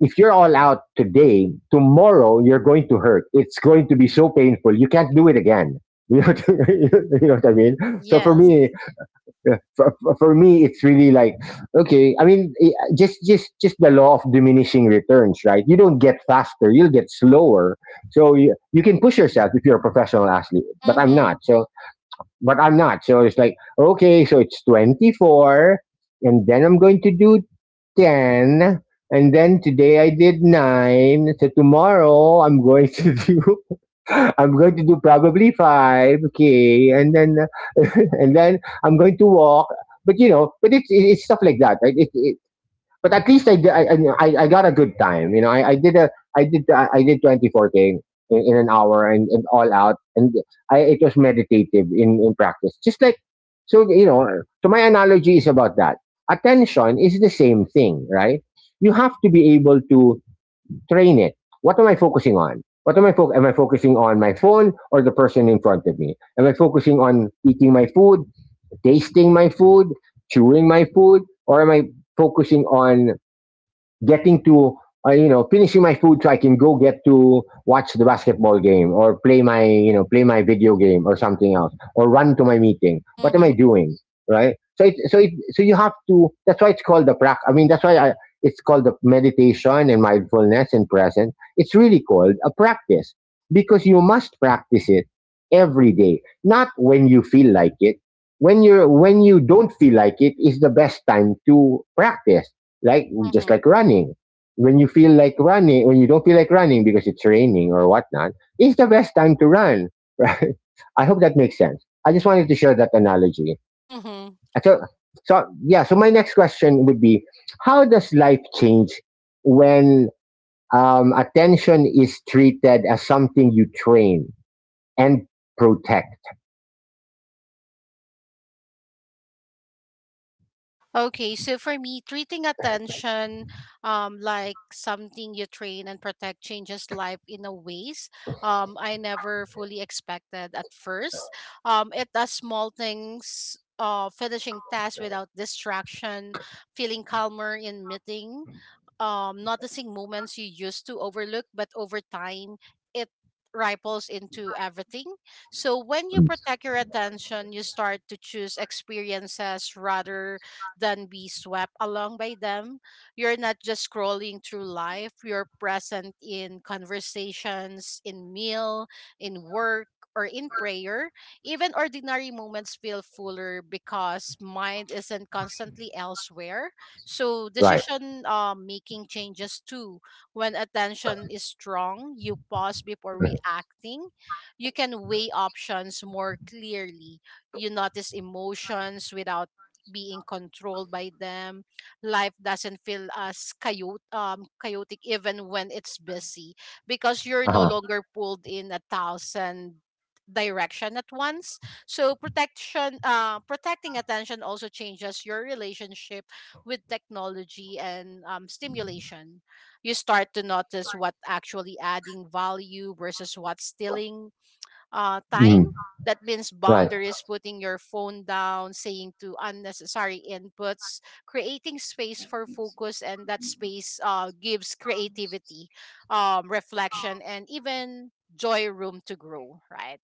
If you're all out today, tomorrow you're going to hurt. It's going to be so painful. You can't do it again. (laughs) (laughs) You know what I mean? So for
Yes.
me, for me, it's really like okay. Just the law of diminishing returns, right? You don't get faster; you'll get slower. So you can push yourself if you're a professional athlete, but I'm
Mhm.
not. So but I'm not. So it's like okay, so it's 24, and then I'm going to do 10, and then today I did 9. So tomorrow I'm going to (laughs) do, I'm going to do probably 5, okay. And then (laughs) and then I'm going to walk. But you know, but it's stuff like that, right? But at least I got a good time. You know, I did a I did 24k in an hour, and all out, and I, it was meditative in practice. Just like, so, you know. So my analogy is about that. Attention is the same thing, right? You have to be able to train it. What am I focusing on? What am I focusing? Am I focusing on my phone or the person in front of me? Am I focusing on eating my food, tasting my food, chewing my food, or am I focusing on getting to you know, finishing my food so I can go get to watch the basketball game or play my, you know, play my video game or something else, or run to my meeting? What am I
Mhm.
doing, right? So so you have to, that's why I, it's called the meditation and mindfulness and present, it's really called a practice because you must practice it every day, not when you feel like it. When you don't feel like it is the best time to practice, like just
Mhm.
like running. When you feel like running, when you don't feel like running because it's raining or whatnot, is the best time to run, right? (laughs) I hope that makes sense. I just wanted to share that analogy.
Mhm.
So, so yeah. So my next question would be, how does life change when attention is treated as something you train and protect?
Okay, so for me, treating attention, like something you train and protect, changes life in a ways, I never fully expected at first. It does small things, finishing tasks without distraction, feeling calmer in meeting, noticing moments you used to overlook, but over time it ripples into everything. So when you
Mm,
protect your attention, you start to choose experiences rather than be swept along by them. You're not just scrolling through life, you're present in conversations, in meal, in work. Or in prayer, even ordinary moments feel fuller because mind isn't constantly elsewhere, so
right.
decision, making changes too. When attention is strong, you pause before reacting. You can weigh options more clearly. You notice emotions without being controlled by them. Life doesn't feel as chaotic even when it's busy because you're no
Uh-huh.
longer pulled in a thousand direction at once. So protection protecting attention also changes your relationship with technology and, stimulation. You start to notice what actually adding value versus what's stealing,
Mm,
time. That means
right.
boundaries, putting your phone down, saying to unnecessary inputs, creating space for focus, and that space, gives creativity, reflection, and even joy room to grow, right?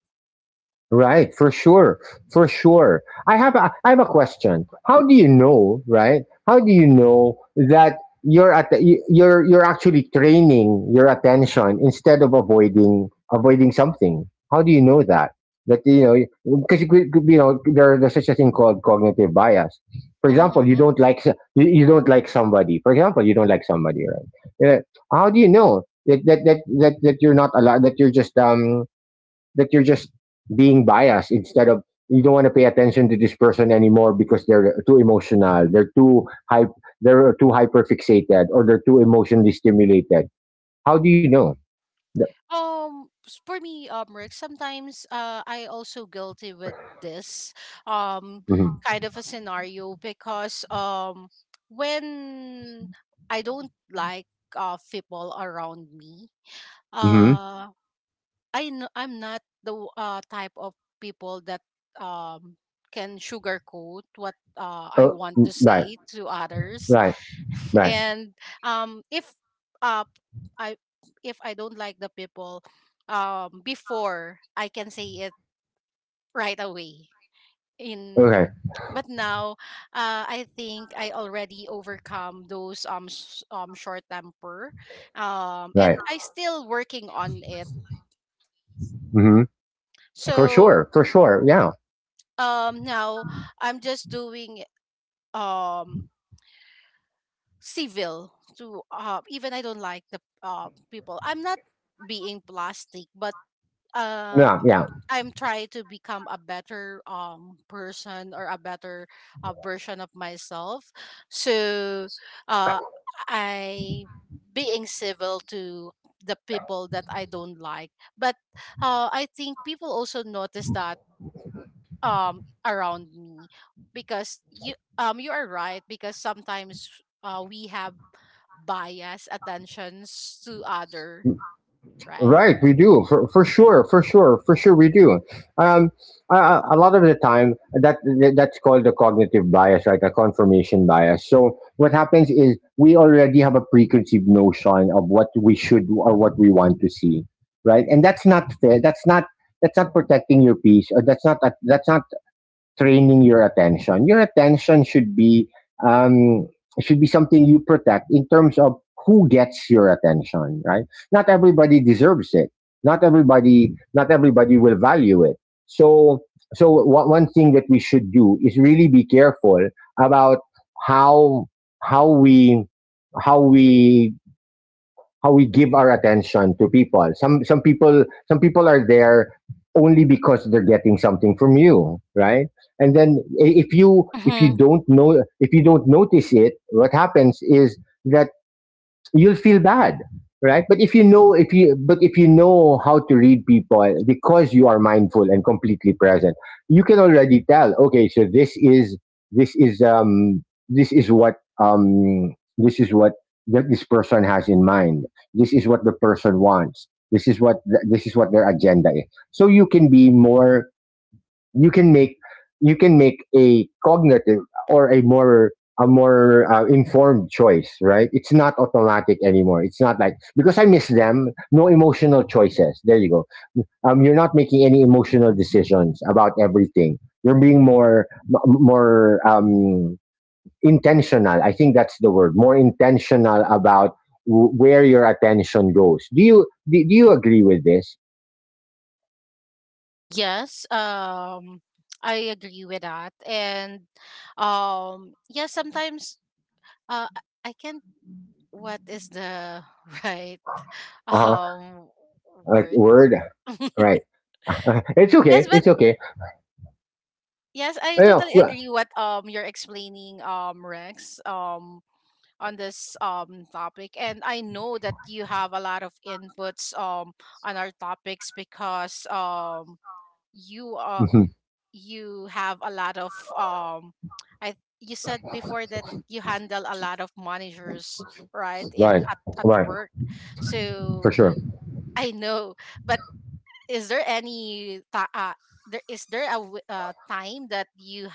Right, for sure, for sure. I have a question. How do you know, right? How do you know that you're at the, you're actually training your attention instead of avoiding something? How do you know that? That you know, because you know, there, there's such a thing called cognitive bias. For example,
Mm-hmm.
you don't like somebody. For example, you don't like somebody, right? How do you know that you're not allowed, that you're just being biased instead of, you don't want to pay attention to this person anymore because they're too emotional, they're too hype, they're too hyper fixated, or they're too emotionally stimulated. How do you know?
For me, Rick, sometimes, I also guilty with this, um
Mm-hmm.
kind of a scenario because, when I don't like people around me,
Mm-hmm.
uh I know I'm not the type of people that um can sugarcoat what I
Oh,
want
mm,
to
right,
say to others.
right, right.
And um if uh i if I don't like the people, before I can say it right away
Okay,
in. But now, I think I already overcome those, short temper,
right.
and I still working on it.
Mm-hmm. For
So
sure, for sure. Yeah,
now I'm just doing, um civil to, even I don't like the people. I'm not being plastic, but,
yeah,
um
yeah.
I'm trying to become a better person or a better, version of myself. So, uh I being civil to the people that I don't like. But, I think people also notice that, around me because you are right because sometimes, we have bias attentions to other, right?
Right, we do, for sure, for sure, for sure, we do. Um, a lot of the time, that that's called the cognitive bias, right? A confirmation bias. So what happens is we already have a preconceived notion of what we should or what we want to see, right? And that's not fair. That's not protecting your peace, or that's not training your attention. Your attention um, should be something you protect in terms of who gets your attention, right? Not everybody deserves it. Not everybody will value it. So so one thing that we should do is really be careful about how how we how we how we give our attention to people. Some some people are there only because they're getting something from you, right? And then if you don't know, if you don't notice it, what happens is that you'll feel bad, right? But if you know, if you but if you know how to read people because you are mindful and completely present, you can already tell, okay, so this is, this is um, this is what, um, this is what, that this person has in mind, this is what the person wants, this is what this is what their agenda is. So you can be more, you can make, you can make a cognitive or a more, a more informed choice, right? It's not automatic anymore. It's not like because I miss them, no emotional choices, there you go. Um, you're not making any emotional decisions about everything. You're being more more intentional. I think that's the word, more intentional about where your attention goes. Do you do you agree with this?
Yes, I agree with that. And, yeah, sometimes, I can't. What is the, (laughs) right,
Uh-huh,
um
like
word?
word,
(laughs)
right. (laughs) It's okay.
Yes, but
It's okay.
yes, I
Yeah,
totally
well,
agree what, you're explaining, Rex, on this, topic, and I know that you have a lot of inputs, on our topics because, you,
mhm,
you have a lot of, I you said before that you handle a lot of managers, right, in,
right,
at
right,
work.
for
So
sure.
I know, but is there any ta- there is there a time that you,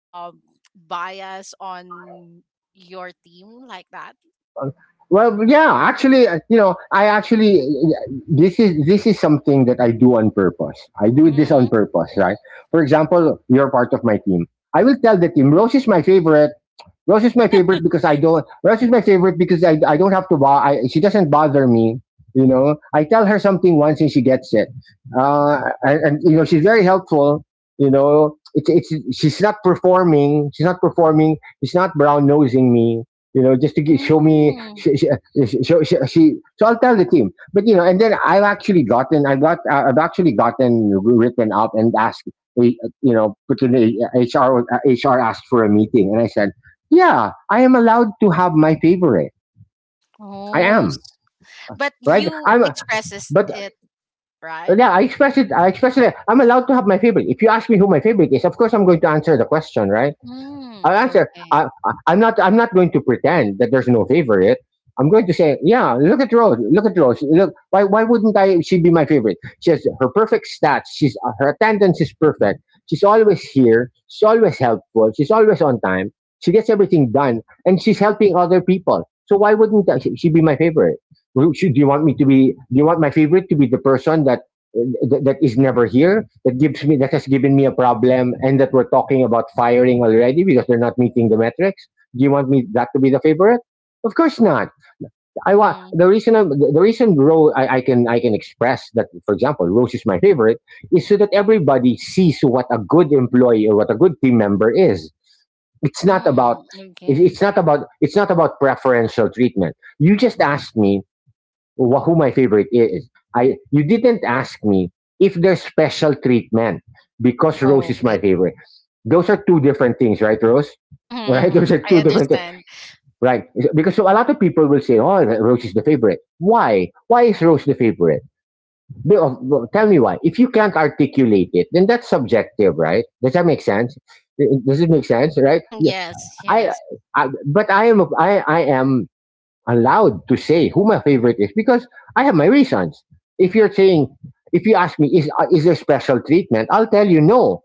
um bias on your team like that?
Uh, well, yeah, actually, you know, I actually, this is something that I do on purpose. I do this
Mm-hmm.
on purpose, right? For example, you're part of my team. I will tell the team Rose is my favorite, Rose is my favorite
(laughs)
because I don't. Rose is my favorite because I don't have to buy. I, she doesn't bother me. You know, I tell her something once and she gets it. And you know, she's very helpful. You know, it's, She's not performing. She's not brown nosing me. You know, just to get, show me.
Mm.
So I'll tell the team. But you know, and then I've actually gotten. I got. I've actually gotten written up and asked. eh, You know, put in a- HR. HR asked for a meeting, and I said yeah, I am allowed to have my favorite. I
Oh,
am
but
right.
you
I'm,
expresses
but
it, right?
yeah, I express it. I express it. I'm allowed to have my favorite. If you ask me who my favorite is, of course I'm going to answer the question, right? I'll
Mm,
answer.
okay.
I'm not. I'm not going to pretend that there's no favorite. I'm going to say, yeah. Look at Rose. Look at Rose. Look. Why? Why wouldn't I? She be my favorite. She has her perfect stats. She's her attendance is perfect. She's always here. She's always helpful. She's always on time. She gets everything done, and she's helping other people. So why wouldn't I, she be my favorite? Should, do you want me to be? Do you want my favorite to be the person that that is never here, that gives me, that has given me a problem, and that we're talking about firing already because they're not meeting the metrics? Do you want me that to be the favorite? Of course not. I want
Mm-hmm.
the reason I'm, the reason Rose, I can express that, for example, Rose is my favorite, is so that everybody sees what a good employee or what a good team member is. It's not about,
Mm, okay.
it's not about preferential treatment. You just asked me who my favorite is. I, you didn't ask me if there's special treatment because Rose is
Okay.
my favorite. Those are two different things, right, Rose?
Mm-hmm.
Right, (laughs) those are
I
two different things,
understand.
right? Because so a lot of people will say, "Oh, Rose is the favorite." Why? Why is Rose the favorite? Well, tell me why. If you can't articulate it, then that's subjective, right? Does that make sense? Does it make sense, right?
Mhm,
Yeah.
yes,
I,
yes.
I but I am I am allowed to say who my favorite is because I have my reasons. If you're saying, if you ask me, is there special treatment? I'll tell you no.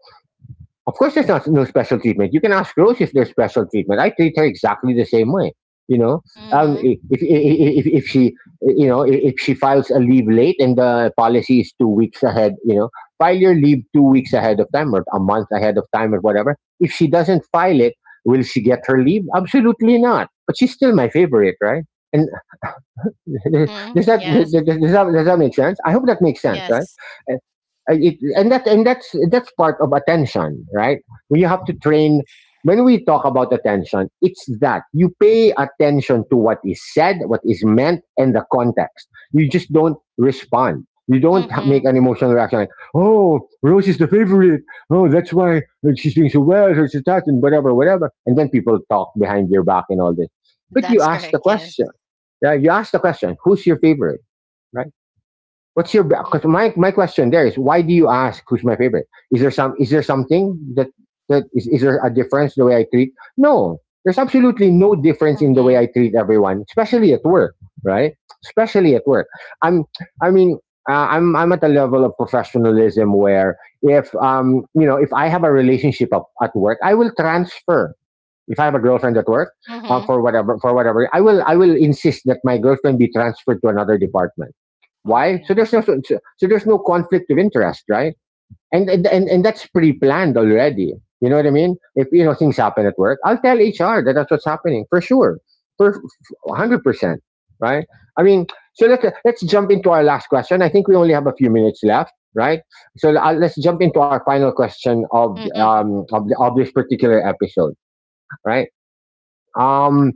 Of course, there's not no special treatment. You can ask Rose if there's special treatment. I treat her exactly the same way. You know, um,
Mm-hmm.
if she, you know, if she files a leave late and the policy is 2 weeks ahead, you know, file your leave 2 weeks ahead of time or a month ahead of time or whatever. If she doesn't file it, will she get her leave? Absolutely not. But she's still my favorite, right? And (laughs) does
Mm-hmm.
that
Yes,
does that make sense? I hope that makes sense, right?
yes.
Uh, it, and that's part of attention, right? We have to train. When we talk about attention, it's that you pay attention to what is said, what is meant, and the context. You just don't respond. You don't make
Mm-hmm.
an emotional reaction like, "Oh, Rose is the favorite. Oh, that's why she's doing so well. Or she's that and whatever, whatever." And then people talk behind your back and all this. But you
That's
ask
correct.
the
Yes.
question. Yeah, you ask the question, who's your favorite, right? What's your
Mm-hmm.
Because my question there is, why do you ask who's my favorite? Is there something that is there a difference the way I treat? No, there's absolutely no difference in the way I treat everyone, especially at work, right? Especially at work. I'm I mean I'm at a level of professionalism where if you know, if I have a relationship up at work, I will transfer if I have a girlfriend at work,
Mm-hmm.
for whatever, I will insist that my girlfriend be transferred to another department. Why? So
Okay.
there's no so, so so there's no conflict of interest, right? And that's pre planned already. You know what I mean? If you know things happen at work, I'll tell HR that that's what's happening for sure, for
Mm-hmm.
100%, right? I mean, so let's jump into our last question. I think we only have a few minutes left, right? So let's jump into our final question of
Mm-hmm.
of this particular episode, right? Um,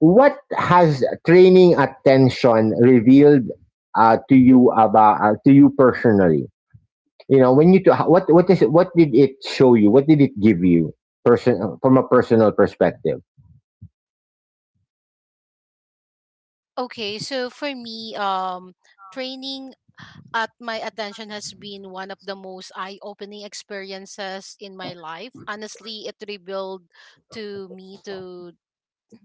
what has training attention revealed to you about to you personally? You know, when what is it, what did it show you? What did it give you, person from a personal perspective?
Okay. So for me, training at my attention has been one of the most eye-opening experiences in my life. Honestly, it revealed to me, to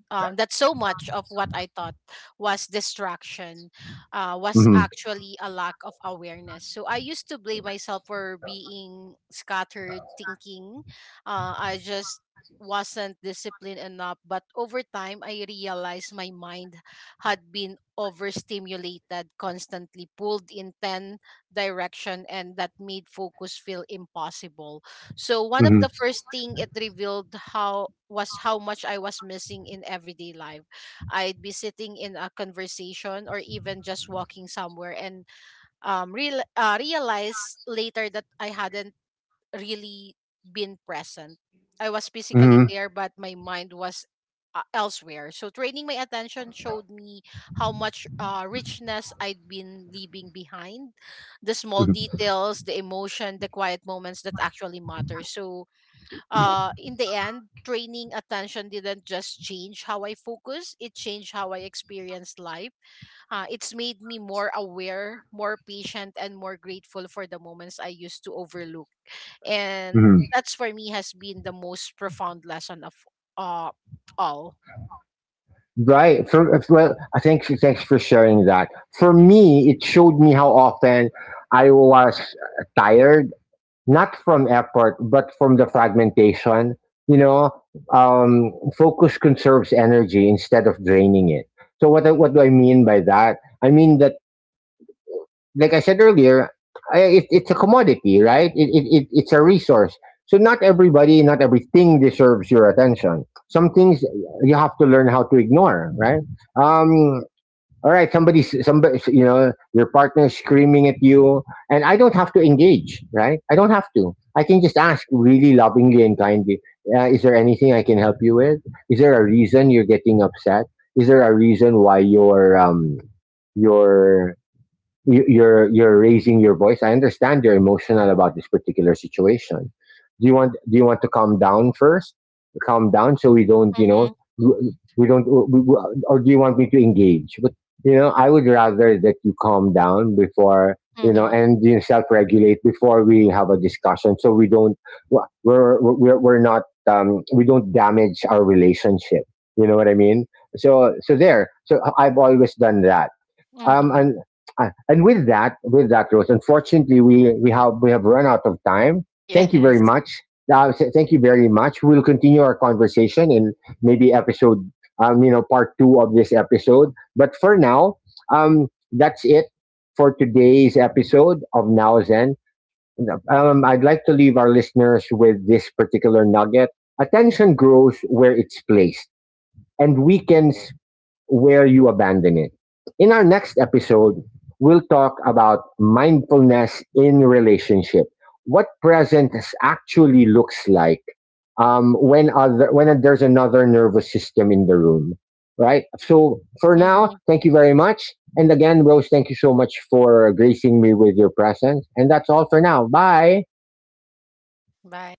that so much of what I thought was distraction, was
Hmm.
actually a lack of awareness. So I used to blame myself for being scattered thinking. I just wasn't disciplined enough. But over time, I realized my mind had been overstimulated, constantly pulled in 10 direction, and that made focus feel impossible. So one of
Hmm.
the first thing it revealed, how was how much I was missing in everyday life. I'd be sitting in a conversation or even just walking somewhere and, realize later that I hadn't really been present. I was physically
Hmm.
there but my mind was, elsewhere. So training my attention showed me how much, richness I'd been leaving behind, the small details, the emotion, the quiet moments that actually matter. So, in the end, training attention didn't just change how I focus, it changed how I experienced life. It's made me more aware, more patient, and more grateful for the moments I used to overlook. And
Hmm.
that's for me has been the most profound lesson of, uh, all.
Right. For, well, I thanks for sharing that. For me, it showed me how often I was tired, not from effort, but from the fragmentation. You know, um, focus conserves energy instead of draining it. So what what do I mean by that? I mean that, like I said earlier, it, it's a commodity, right? It's a resource. So not everybody, not everything deserves your attention. Some things you have to learn how to ignore, right? Um, all right, somebody, you know, your partner is screaming at you and I don't have to engage, right? I don't have to. I can just ask really lovingly and kindly, is there anything I can help you with? Is there a reason you're getting upset? Is there a reason why your you, you're raising your voice? I understand you're emotional about this particular situation. Do you want to calm down first? Calm down so we don't, you know,
Mm-hmm,
we- don't we- or do you want me to engage? But you know, I would rather that you calm down before, you know,
mm-hmm,
and you self-regulate before we have a discussion so we don't, we're not we don't damage our relationship, you know what I mean? So I've always done that, um
mm-hmm.
and and with that, Rose, unfortunately, we have run out of time.
(laughs)
Thank you very
Yes.
much. Thank you very much. We'll continue our conversation in maybe episode, you know, part two of this episode. But for now, that's it for today's episode of Now Zen. I'd like to leave our listeners with this particular nugget. Attention grows where it's placed, and weakens where you abandon it. In our next episode, we'll talk about mindfulness in relationship, what present actually looks like when there's another nervous system in the room, right? So for now,
Mm-hmm.
thank you very much, and again, Rose, thank you so much for gracing me with your presence, and that's all for now. Bye.
Bye.